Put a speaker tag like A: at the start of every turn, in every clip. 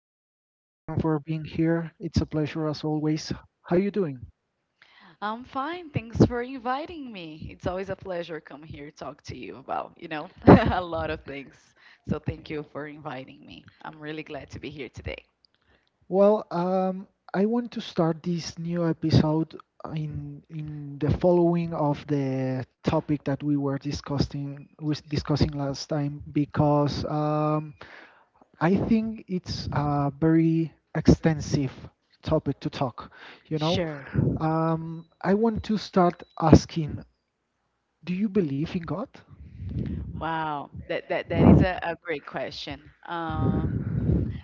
A: Via, thank you again for being here. It's a pleasure as always. How you doing?
B: I'm fine. Thanks for inviting me. It's always a pleasure come here talk to you about, you know, a lot of things. So thank you for inviting me. I'm really glad to be here today.
A: Well, I want to start this new episode in the following of the topic that we were discussing was discussing last time because I think it's a very extensive topic to talk, you know.
B: Sure.
A: I want to start asking, do you believe in God?
B: Wow. That is a great question. Um,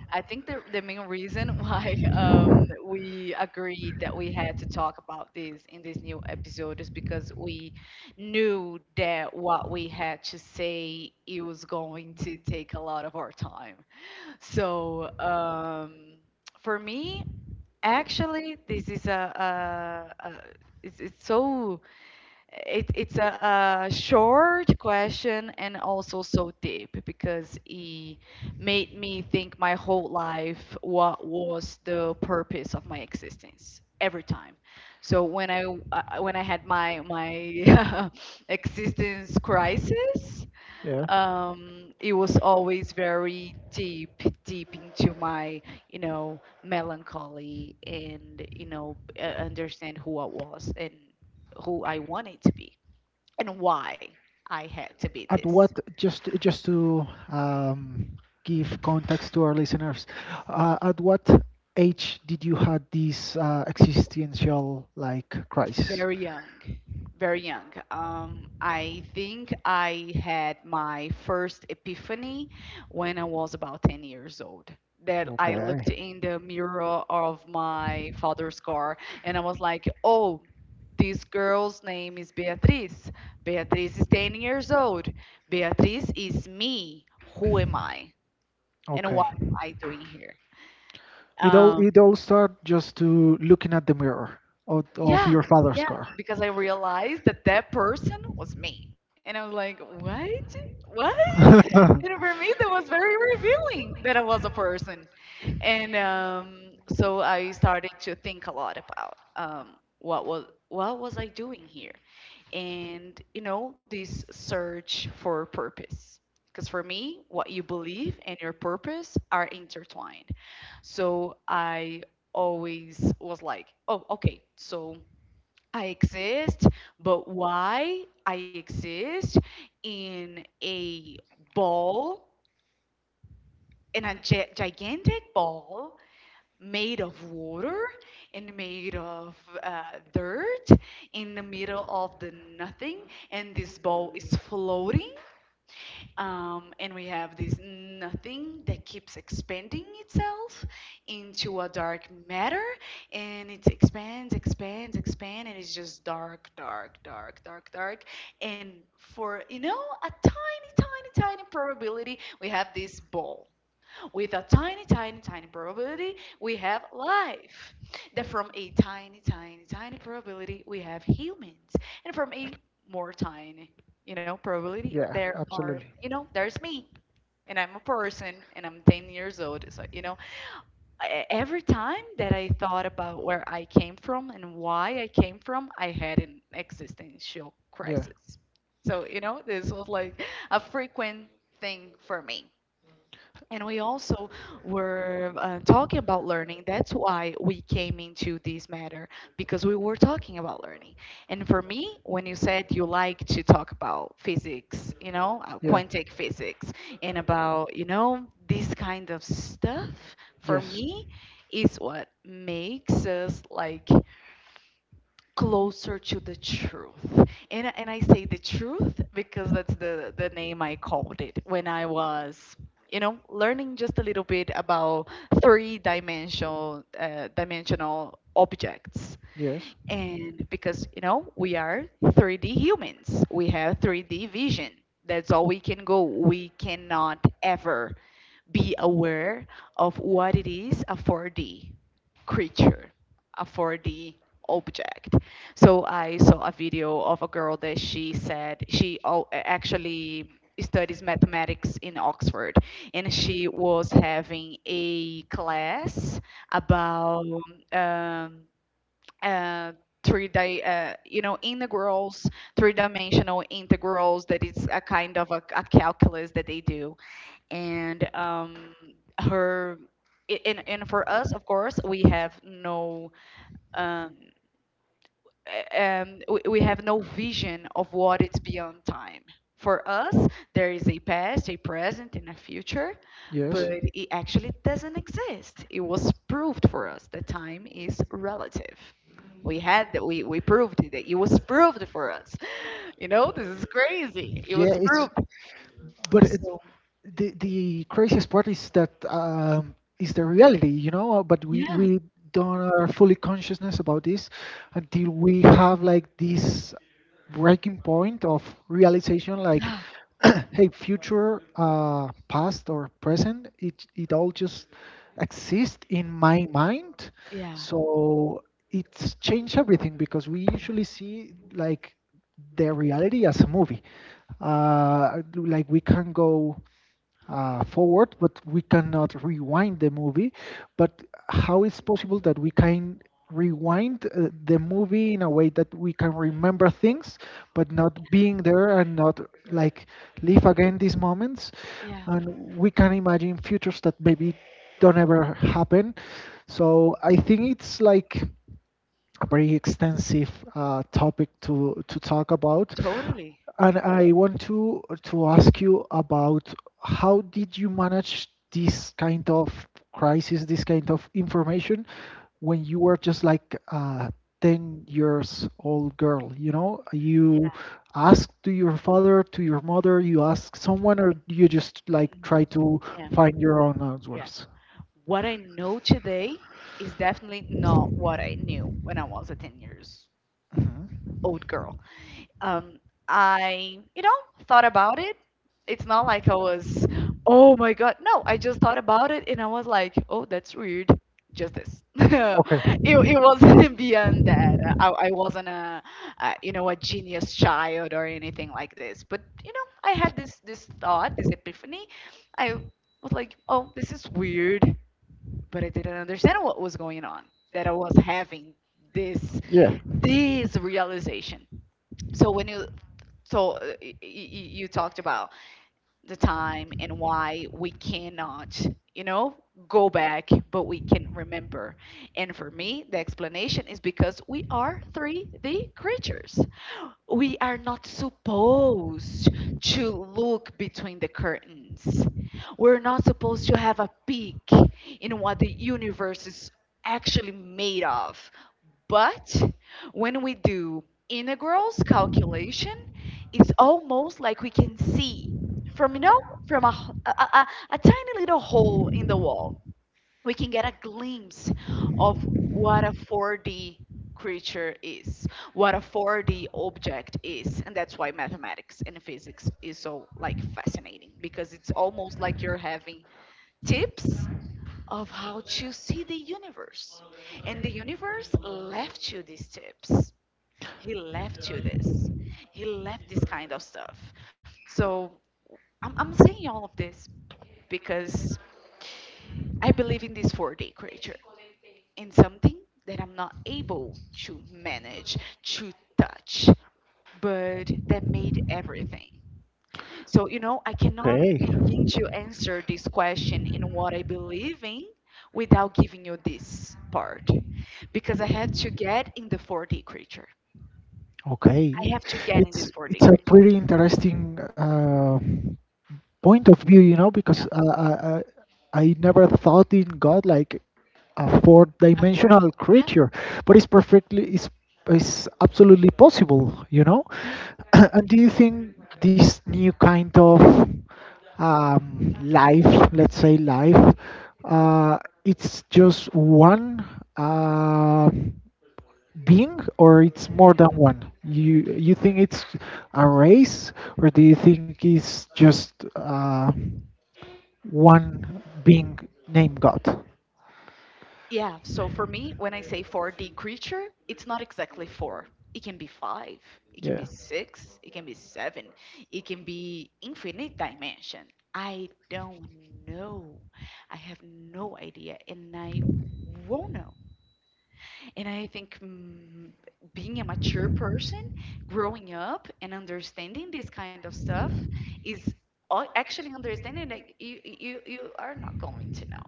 B: I think the main reason why we agreed that we had to talk about this in this new episode is because we knew that what we had to say it was going to take a lot of our time. So for me, actually, this is a it's so it, it's a short question and also so deep because it made me think my whole life what was the purpose of my existence every time. So when I had my existence crisis,
A: Yeah.
B: it was always very deep, deep into my, you know, melancholy and, you know, understand who I was and who I wanted to be and why I had to be
A: At what,
B: this.
A: just to give context to our listeners, at what age did you had this existential like crisis?
B: Very young, very young. I think I had my first epiphany when I was about 10 years old. That I looked
A: Okay.
B: in the mirror of my father's car and I was like, oh, this girl's name is Beatriz. Beatriz is 10 years old. Beatriz is me. Who am I? And
A: Okay.
B: what am I doing here?
A: It all
B: Um,
A: it all started just to looking at the mirror of
B: Yeah,
A: your father's
B: yeah,
A: car.
B: because I realized that that person was me. And I was like, what? What? And for me, that was very revealing that I was a person. And so I started to think a lot about what was I doing here? And you know, this search for purpose. Because for me, what you believe and your purpose are intertwined. So I always was like, oh, okay, so I exist, but why I exist in a ball, in a gigantic ball made of water and made of uh, dirt in the middle of the nothing, and this ball is floating, and we have this nothing that keeps expanding itself into a dark matter, and it expands, expands, expands, and it's just dark, dark, dark, dark, dark. And for, you know, a tiny, tiny, tiny probability, we have this ball. With a tiny, tiny, tiny probability, we have life. That from a tiny, tiny, tiny probability, we have humans. And from a more tiny, you know, probability, there
A: Yeah,
B: are, you
A: absolutely.
B: know, there's me. And I'm a person and I'm 10 years old. So, you know, every time that I thought about where I came from and why I came from, I had an existential
A: Yeah,
B: crisis. So, you know, this was like a frequent thing for me. And we also were talking about learning. That's why we came into this matter because we were talking about learning. And for me, when you said you like to talk about physics, you know,
A: yeah.
B: quantic physics, and about, you know, this kind of stuff, for
A: Yes,
B: me, is what makes us like closer to the truth. And I say the truth because that's the name I called it when I was, you know, learning just a little bit about three dimensional dimensional objects.
A: yes,
B: And because you know we are 3D humans, we have 3D vision. That's all we can go. We cannot ever be aware of what it is, a 4D creature, a 4D object. So I saw a video of a girl that she said she actually studies mathematics in Oxford, and she was having a class about um, uh, you know, integrals, three dimensional integrals, that is a kind of a calculus that they do. And her and for us, of course, we have no um, a- we have no vision of what it's beyond time. For us there is a past, a present and a future, but
A: yes.
B: it actually doesn't exist. It was proved for us that time is relative. We had that, we proved it. It was proved for us. You know, this is crazy. It
A: Yeah,
B: was
A: it's
B: proved.
A: but it,
B: So
A: the craziest part is that is the reality, you know. But we
B: yeah,
A: we don't are fully consciousness about this until we have like this breaking point of realization, like,
B: yeah,
A: hey, future, past or present, it all just exists in my mind.
B: yeah,
A: So it's changed everything because we usually see like the reality as a movie, like we can go forward, but we cannot rewind the movie. But how is possible that we can rewind the movie in a way that we can remember things, but not being there and not like live again these moments?
B: yeah.
A: And we can imagine futures that maybe don't ever happen. So I think it's like a very extensive topic to talk about.
B: Totally.
A: And I want to ask you about how did you manage this kind of crisis, this kind of information when you were just like a 10 years old girl, you know?
B: Yeah.
A: You ask to your father, to your mother, you ask someone, or you just like try
B: Mhm.
A: to
B: Yeah.
A: find your own
B: Yeah.
A: answers?
B: What I know today is definitely not what I knew when I was a 10 years
A: Mhm.
B: old girl. um, I, you know, thought about it. It's not like I was, oh my God. No, I just thought about it and I was like, oh, that's weird. Just this. it,
A: Okay.
B: it wasn't beyond that. I wasn't a, you know, a genius child or anything like this. But, you know, I had this thought, this epiphany. I was like, oh, this is weird. But I didn't understand what was going on, that I was having this,
A: Yeah.
B: this realization. So when you so y- y- you talked about the time and why we cannot, you know, go back but we can remember. And for me the explanation is because we are 3D creatures. We are not supposed to look between the curtains. We're not supposed to have a peek in what the universe is actually made of. But when we do integrals calculation, it's almost like we can see from, you know, from a, h- a tiny little hole in the wall. We can get a glimpse of what a 4D creature is, what a 4D object is, and that's why mathematics and physics is so like fascinating because it's almost like you're having tips of how to see the universe. And the universe left you these tips. He left you this. He left this kind of stuff. So I'm saying all of this because I believe in this 4D creature, in something that I'm not able to manage, to touch, but that made everything. So, you know, I cannot
A: Okay.
B: begin to answer this question in what I believe in without giving you this part because I had to get in the 4D creature.
A: Okay.
B: I have to get in this 4D
A: It's a
B: creature.
A: pretty interesting point of view, you know,
B: Yeah.
A: because I never thought in God like a
B: For-
A: four-dimensional
B: yeah,
A: creature, but it's perfectly it's absolutely possible, you know.
B: yeah.
A: And do you think this new kind of life, let's say life, uh, it's just one? Uh, Being or it's more than one? You think it's a race or do you think it's just one being named God?
B: Yeah, so for me, when I say 4D creature, it's not exactly four. It can be five, it can be
A: Yeah.
B: six, it can be seven, it can be infinite dimension. I don't know. I have no idea, and I won't know. And I think mm, being a mature person, growing up and understanding this kind of stuff is actually understanding that you are not going to know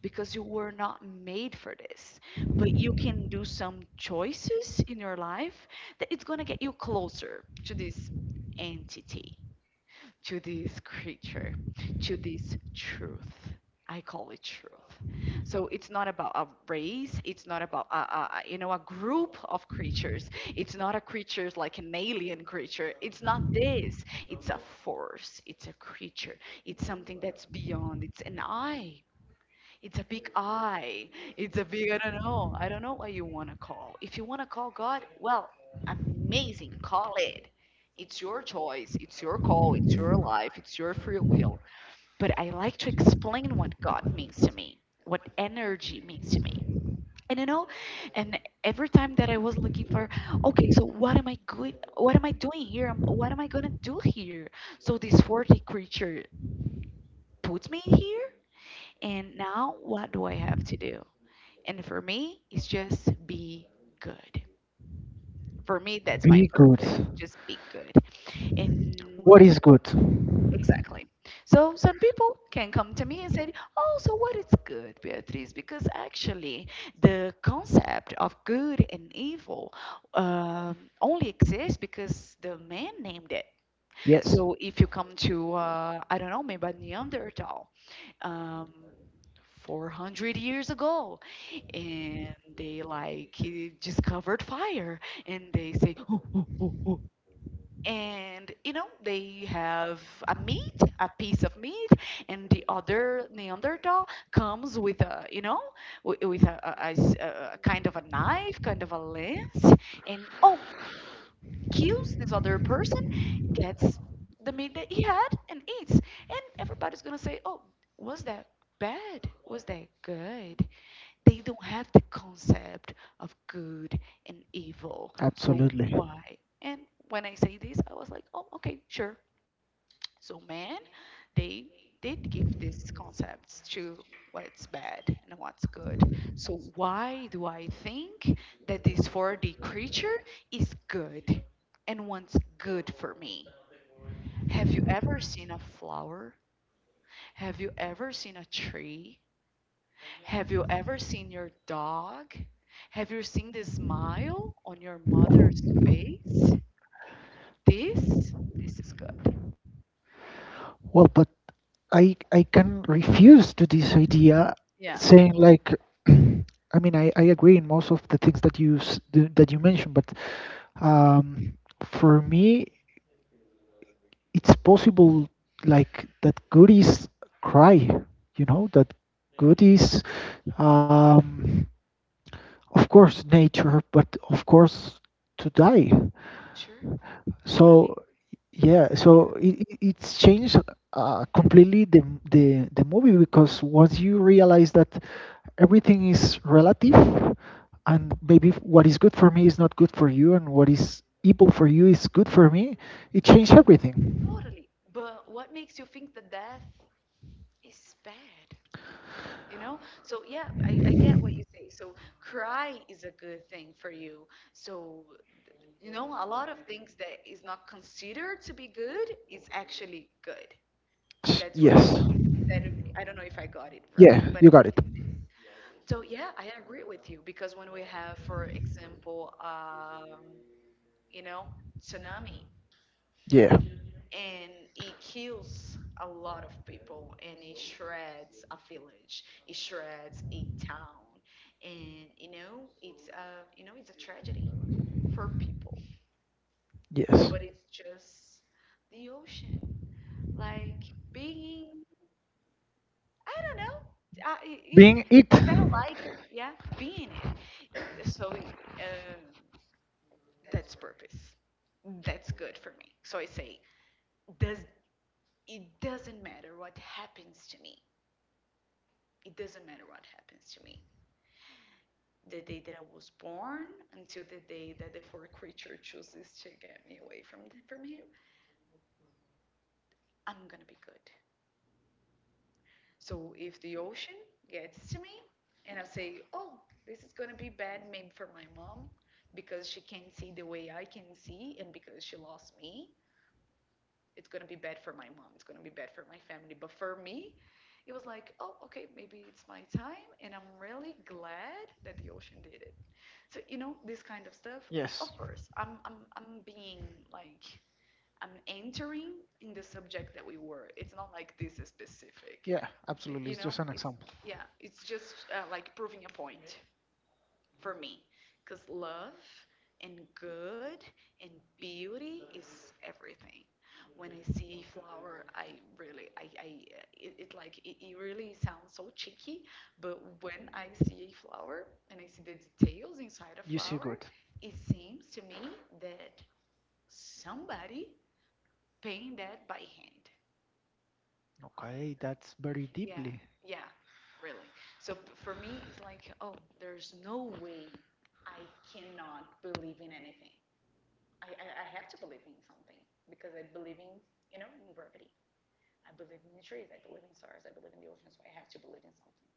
B: because you were not made for this. But you can do some choices in your life that it's going to get you closer to this entity, to this creature, to this truth. I call it truth. So it's not about a race. It's not about you know, a group of creatures. It's not a creature like an alien creature. It's not this. It's a force. It's a creature. It's something that's beyond. It's an I. It's a big I. It's a big, I don't know. I don't know what you want to call. If you want to call God, well, amazing. Call it. It's your choice. It's your call. It's your life. It's your free will. But I like to explain what God means to me, what energy means to me. And you know, and every time that I was looking for, okay, so what am I good? What am I doing here? What am I gonna do here? So this 40 creature puts me here, and now what do I have to do? And for me, it's just be good. For me, that's my
A: Be good.
B: purpose. Just be good.
A: What
B: And
A: is good?
B: exactly. So some people can come to me and say, "Oh, so what is good, Beatriz?" Because actually, the concept of good and evil, only exists because the man named it.
A: Yes,
B: So if you come to, I don't know, maybe a Neanderthal, um, 400 years ago, and they like he discovered fire and they say oh. And you know they have a meat, a piece of meat, and the other neanderthal comes with a, you know, with a kind of a knife, kind of a lance, and oh, kills this other person, gets the meat that he had and eats, and everybody's gonna say oh, was that bad, was that good? They don't have the concept of good and evil. So
A: absolutely.
B: why? And when I say this, I was like, oh, okay, sure. So man, they did give these concepts to what's bad and what's good. So why do I think that this 4D creature is good and wants good for me? Have you ever seen a flower? Have you ever seen a tree? Have you ever seen your dog? Have you seen the smile on your mother's face? This, this is good.
A: Well, but I can refuse to this idea,
B: Yeah.
A: saying like, I mean, I agree in most of the things that that you mentioned, but um, for me, it's possible like that good is cry, you know, that goodies, um, of course, nature, but of course, to die.
B: Sure, totally,
A: So yeah, so it's changed completely the movie because once you realize that everything is relative, and maybe what is good for me is not good for you, and what is evil for you is good for me, it changed everything.
B: totally. But what makes you think that death is bad? You know? So, yeah, I get what you say. So, cry is a good thing for you. So, a lot of things that is not considered to be good is actually good.
A: S-
B: That's why.
A: Yes.
B: Is that, I don't know if I got it right, but
A: Yeah,
B: I
A: you
B: think
A: got it.
B: it's. So yeah, I agree with you because when we have, for example, you know, tsunami
A: Yeah.
B: and it kills a lot of people and it shreds a village, it shreds a town, and it's a tragedy for people,
A: Yes.
B: but it's just the ocean, like being, I don't know, I, it it
A: Being it.
B: felt like it, yeah, being it. So that's purpose. That's good for me. So I say, does it doesn't matter what happens to me. It doesn't matter what happens to me. The day that I was born until the day that the fourth creature chooses to get me away from from here, I'm gonna be good. So if the ocean gets to me and I say, oh, this is gonna be bad maybe for my mom because she can't see the way I can see and because she lost me, it's gonna be bad for my mom. It's gonna be bad for my family. But for me, it was like, oh, okay, maybe it's my time, and I'm really glad that the ocean did it. So you know, this kind of stuff.
A: Yes.
B: Of course, I'm being like I'm entering in the subject that we were. It's not like this is specific,
A: Yeah,
B: but,
A: absolutely.
B: you
A: It's
B: know,
A: just an
B: it's
A: example.
B: yeah, it's just like proving a point for me because love and good and beauty is everything. When I see a flower, I really I. It like it really sounds so cheeky, but when I see a flower and I see the details inside a
A: You see
B: flower,
A: good.
B: it seems to me that somebody painted that by hand.
A: Okay, that's very
B: Yeah,
A: deeply.
B: yeah, really. So for me, it's like, oh, there's no way I cannot believe in anything. I have to believe in something because I believe in, you know, in gravity. I believe in the trees. I believe in stars. I believe in the ocean. So I have to believe in something.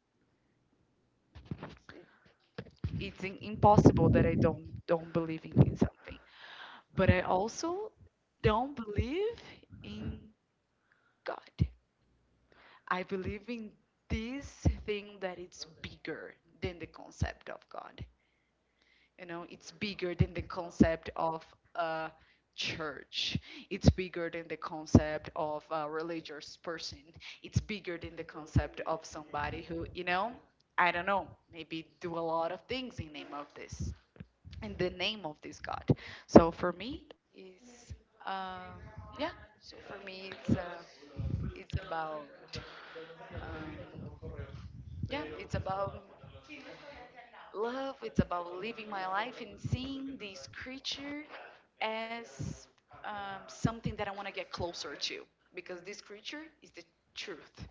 B: It's, it, it's impossible that I don't believe in something. But I also don't believe in God. I believe in this thing that it's bigger than the concept of God. You know, it's bigger than the concept of a church. It's bigger than the concept of a religious person. It's bigger than the concept of somebody who, you know, I don't know, maybe do a lot of things in name of this, in the name of this God. So for me, is um, yeah. So for me, it's about um, yeah, it's about love, it's about living my life and seeing this creature as something that I want to get closer to because this creature is the truth.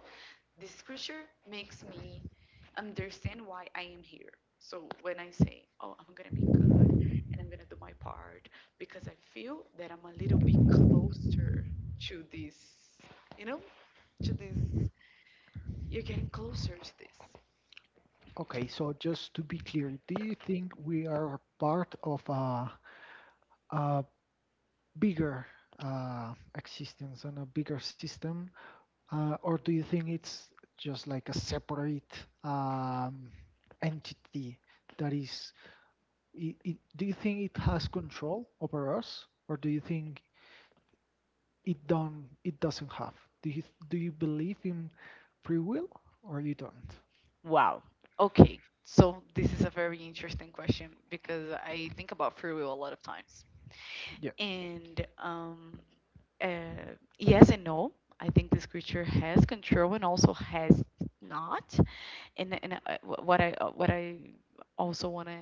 B: This creature makes me understand why I am here. So when I say, oh, I'm going to be good and I'm going to do my part because I feel that I'm a little bit closer to this, you know, to this, you're getting closer to this.
A: Okay, so just to be clear, do you think we are part of a bigger existence and a bigger system, or do you think it's just like a separate entity that is? It, do you think it has control over us, or do you think it don't? It doesn't have. Do you do you believe in free will, or you don't?
B: Wow. Okay. So this is a very interesting question because I think about free will a lot of times.
A: Yeah.
B: And uh, yes and no. I think this creature has control and also has not. What I what I also want to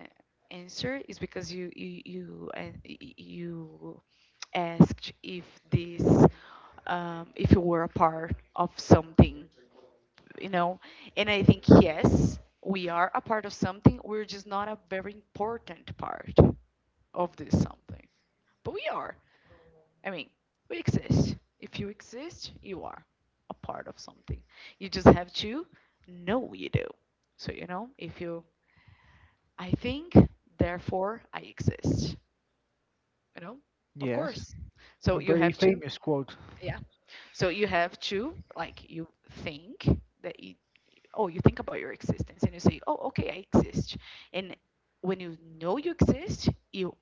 B: answer is because you asked if this if you were a part of something, you know? And I think, yes, we are a part of something, we're just not a very important part of this something. But we are. I mean, we exist. If you exist, you are a part of something. You just have to know you do. So, you know, if you, I think, therefore I exist, you know? Of
A: Yes.
B: course. So
A: A
B: you
A: very
B: have to,
A: famous quote.
B: yeah. So you have to, like, you think that you, oh, you think about your existence and you say, oh, okay, I exist. And when you know you exist, you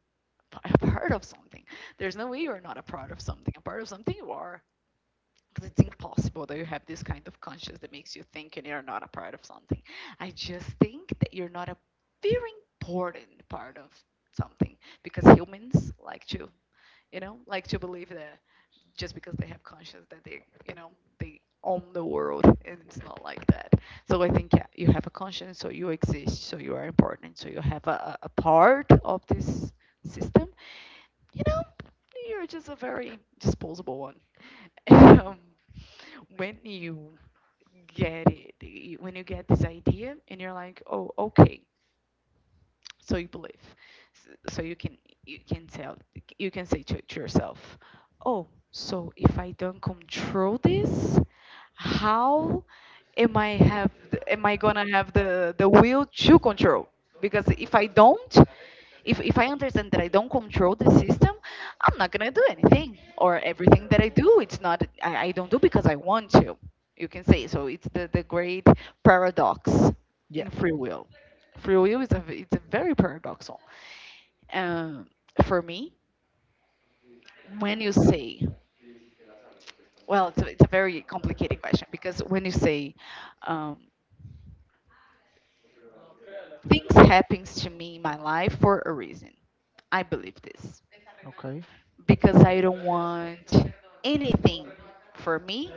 B: are a part of something. There's no way you're not a part of something. A part of something you are. Because it's impossible that you have this kind of conscience that makes you think and you're not a part of something. I just think that you're not a very important part of something because humans like to, you know, like to believe that just because they have conscience that they, you know, they own the world, and it's not like that. So I think, yeah, you have a conscience, so you exist, so you are important, so you have a part of this system. You know, you're just a very disposable one. And, when you get it, when you get this idea, and you're like, oh, okay, so you believe. So you can, you can tell, you can say to yourself, oh, so if I don't control this, how am i have am I gonna have the will to control? Because if I don't, if I understand that I don't control the system, I'm not gonna do anything. Or everything that I do, it's not I don't do because I want to. You can say so. It's the great paradox
A: Yeah.
B: in free will. Free will is it's a very paradoxal. Um, for me, when you say, well, it's it's a very complicated question because when you say um, things happens to me in my life for a reason, I believe this
A: Okay.
B: because I don't want anything for me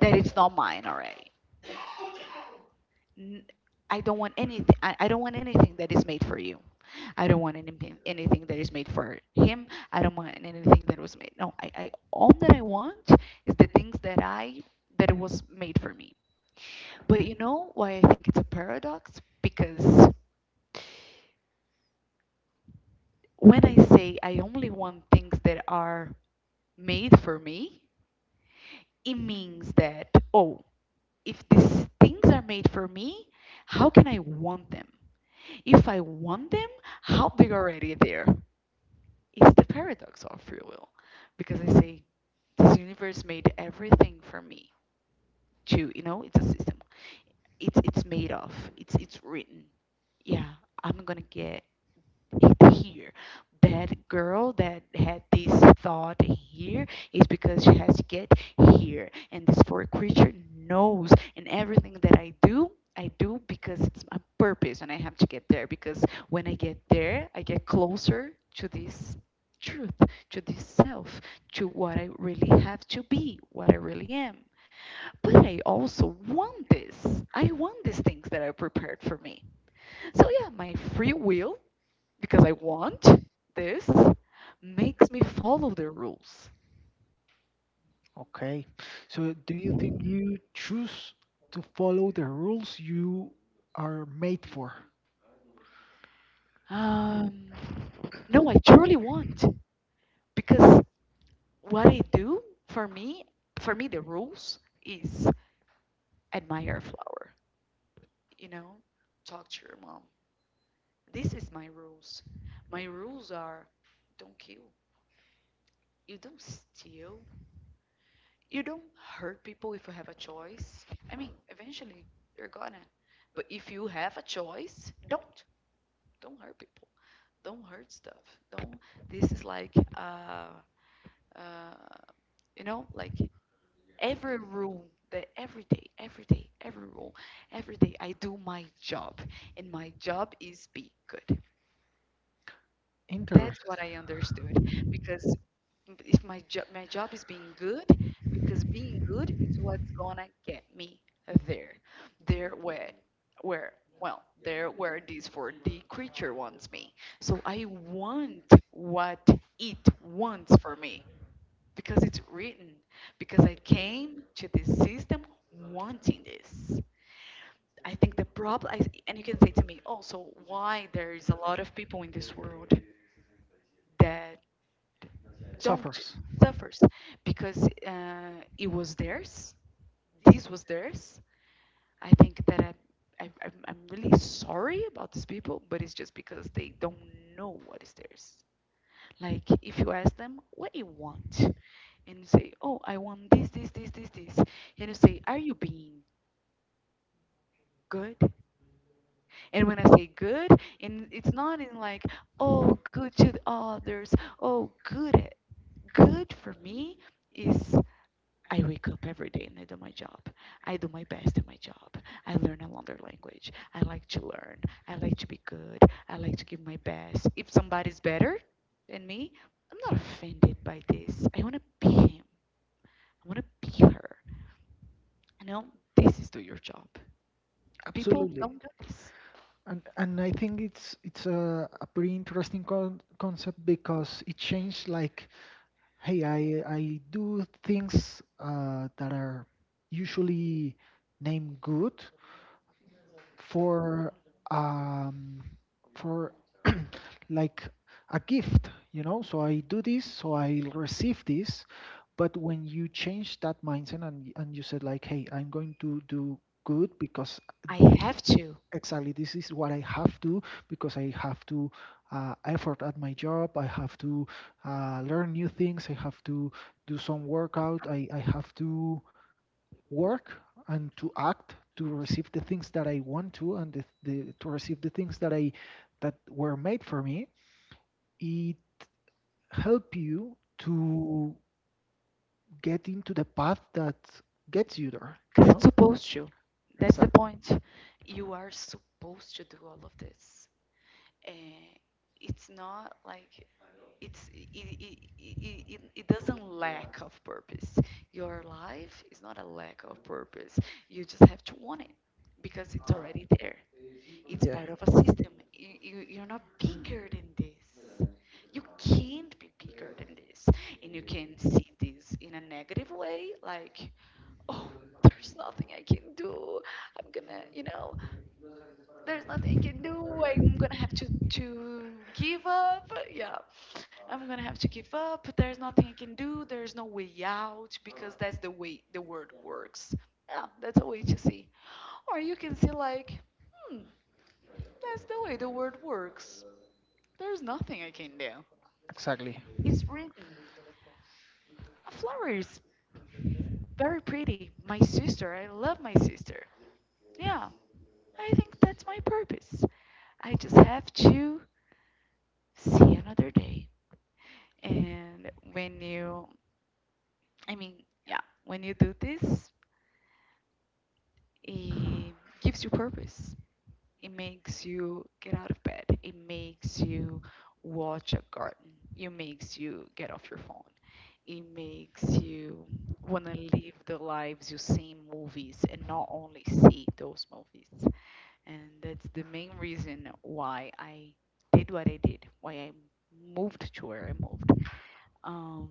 B: that it's not mine already. N- I don't want anything. I don't want anything that is made for you. I don't want anything that is made for him. I don't want anything that was made. No, I, all that I want is the things that I that was made for me. But you know why I think it's a paradox? Because when I say I only want things that are made for me, it means that, oh, if these things are made for me, how can I want them? If I want them, how they're already there. It's the paradox of free will. Because I say, this universe made everything for me to, you know, it's a system. It's made of. It's written. Yeah, I'm gonna get here. That girl that had this thought here is because she has to get here. And this four creature knows. And everything that I do because it's my purpose and I have to get there. Because when I get there, I get closer to this truth, to this self, to what I really have to be, what I really am. But I also want this. I want these things that are prepared for me. So, yeah, my free will because I want this makes me follow their rules.
A: Okay. So do you think you choose to follow the rules you are made for?
B: Um, no, I truly want because what I do for me, for me, the rules is admire a flower. You know, talk to your mom. This is my rules. My rules are: don't kill, you don't steal, you don't hurt people if you have a choice. I mean, eventually you're gonna. But if you have a choice, don't. Don't hurt people. Don't hurt stuff. Don't. This is like, uh, you know, like every room. That every day, every day, every rule, every day I do my job, and my job is be good.
A: Inter
B: That's what I understood because, if my job, my job is being good because being good is what's gonna get me there. There where where, well, there where this for the creature wants me. So I want what it wants for me because it's written, because I came to this system wanting this. I think the problem, and you can say to me, oh, so why there is a lot of people in this world that don't
A: suffers.
B: suffers, because it was theirs. This was theirs. I think that I'm really sorry about these people, but it's just because they don't know what is theirs. Like if you ask them, what do you want? And you say, oh, I want this, this, this, this, this. And you say, are you being good? And when I say good, and it's not in like, oh, good to the others, oh, good at, good for me is I wake up every day and I do my job. I do my best at my job. I learn another language. I like to learn. I like to be good. I like to give my best. If somebody's better than me, I'm not offended by this. I want to be him. I want to be her. You know, this is do your job. People
A: Absolutely.
B: don't do this.
A: And I think it's a pretty interesting concept because it changed like, hey, I do things that are usually named good, for um for like a gift, you know, so I do this so I receive this. But when you change that mindset, and you said like, hey, I'm going to do good because
B: I
A: thi-
B: have to.
A: exactly, this is what I have to, because I have to effort at my job, I have to learn new things, I have to do some workout, I have to work and to act to receive the things that I want to and to receive the things that were made for me. It help you to get into the path that gets you there.
B: 'Cause
A: You
B: it's
A: know
B: supposed to. That's the
A: exactly.
B: point. You are supposed to do all of this. And it's not like it's it doesn't lack of purpose. Your life is not a lack of purpose. You just have to want it because it's already there. It's
A: Yeah.
B: part of a system. You're not bigger than this. You can't be bigger than this. And you can see this in a negative way, like, oh, there's nothing I can do. I'm gonna, you know, there's nothing I can do. I'm gonna have to give up. Yeah, I'm gonna have to give up. There's nothing I can do. There's no way out because that's the way the world works. Yeah, that's a way to see. Or you can see like, hmm, that's the way the world works. There's nothing I can do.
A: Exactly.
B: It's written. A flower is very pretty. My sister, I love my sister. Yeah, I think that's my purpose. I just have to see another day. And when you, I mean, yeah, when you do this, it gives you purpose. It makes you get out of bed. It makes you watch a garden. It makes you get off your phone. It makes you want to live the lives you see in movies and not only see those movies. And that's the main reason why I did what I did, why I moved to where I moved, um,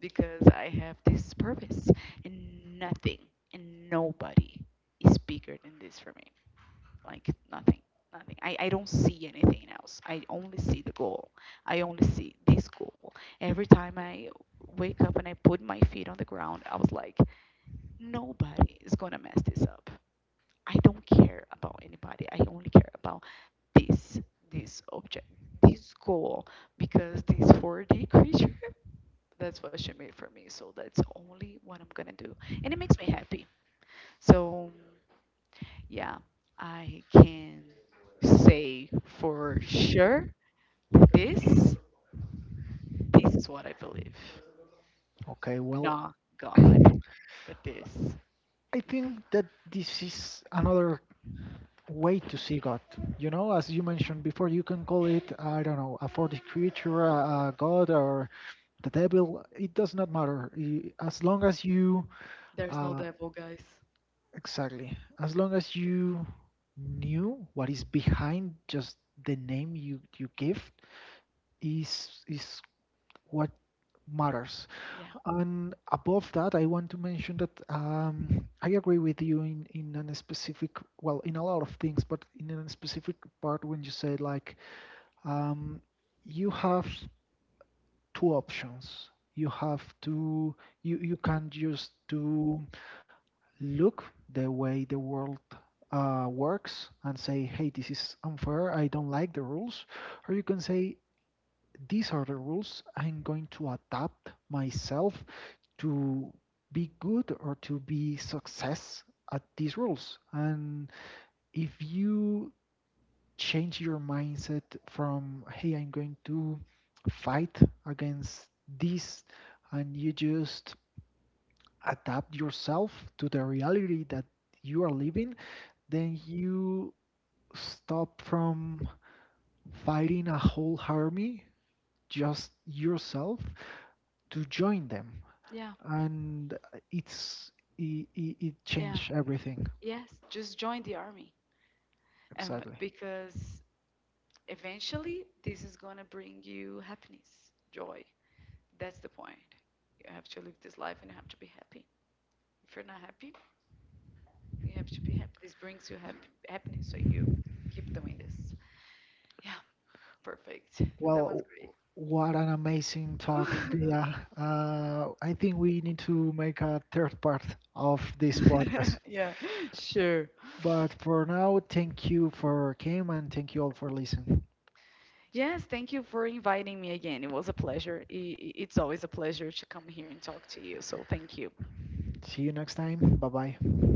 B: because I have this purpose, and nothing and nobody is bigger than this for me. Like nothing, nothing. I don't see anything else. I only see the goal. I only see this goal. Every time I wake up and I put my feet on the ground, I was like, nobody is gonna mess this up. I don't care about anybody. I only care about this, this object, this goal, because these 4D creatures, that's what she made for me. So that's only what I'm gonna do, and it makes me happy. So yeah, I can say for sure that this is what I believe,
A: Okay. Well,
B: not God, but this. Yeah,
A: I think that this is another way to see God. You know, as you mentioned before, you can call it, I don't know, a 40 creature, a God, or the devil. It does not matter. As long as you,
B: there's no
A: uh,
B: devil, guys.
A: exactly, as long as you knew what is behind just the name you, you give, is what matters.
B: Yeah,
A: And above that, I want to mention that I agree with you in a specific, well, in a lot of things, but in a specific part when you say like, um, you have two options. You have to, you can just to look the way the world works and say, hey, this is unfair, I don't like the rules. Or you can say, these are the rules, I'm going to adapt myself to be good or to be success at these roles. And if you change your mindset from, hey, I'm going to fight against this, and you just adapt yourself to the reality that you are living, then you stop from fighting a whole army, just yourself, to join them.
B: yeah,
A: And it's it
B: yeah.
A: changed everything.
B: Yes, just join the army,
A: Exactly.
B: because eventually this is gonna bring you happiness, joy. That's the point. You have to live this life, and you have to be happy. If you're not happy, you have to be happy. This brings you happy happiness, so you keep doing this. Yeah, perfect.
A: Well,
B: That was great.
A: what an amazing talk, Via. I think we need to make a third part of this podcast.
B: Yeah, sure.
A: But for now, thank you for came and thank you all for listening.
B: Yes, thank you for inviting me again. It was a pleasure. It's always a pleasure to come here and talk to you. So thank you.
A: See you next time. Bye bye.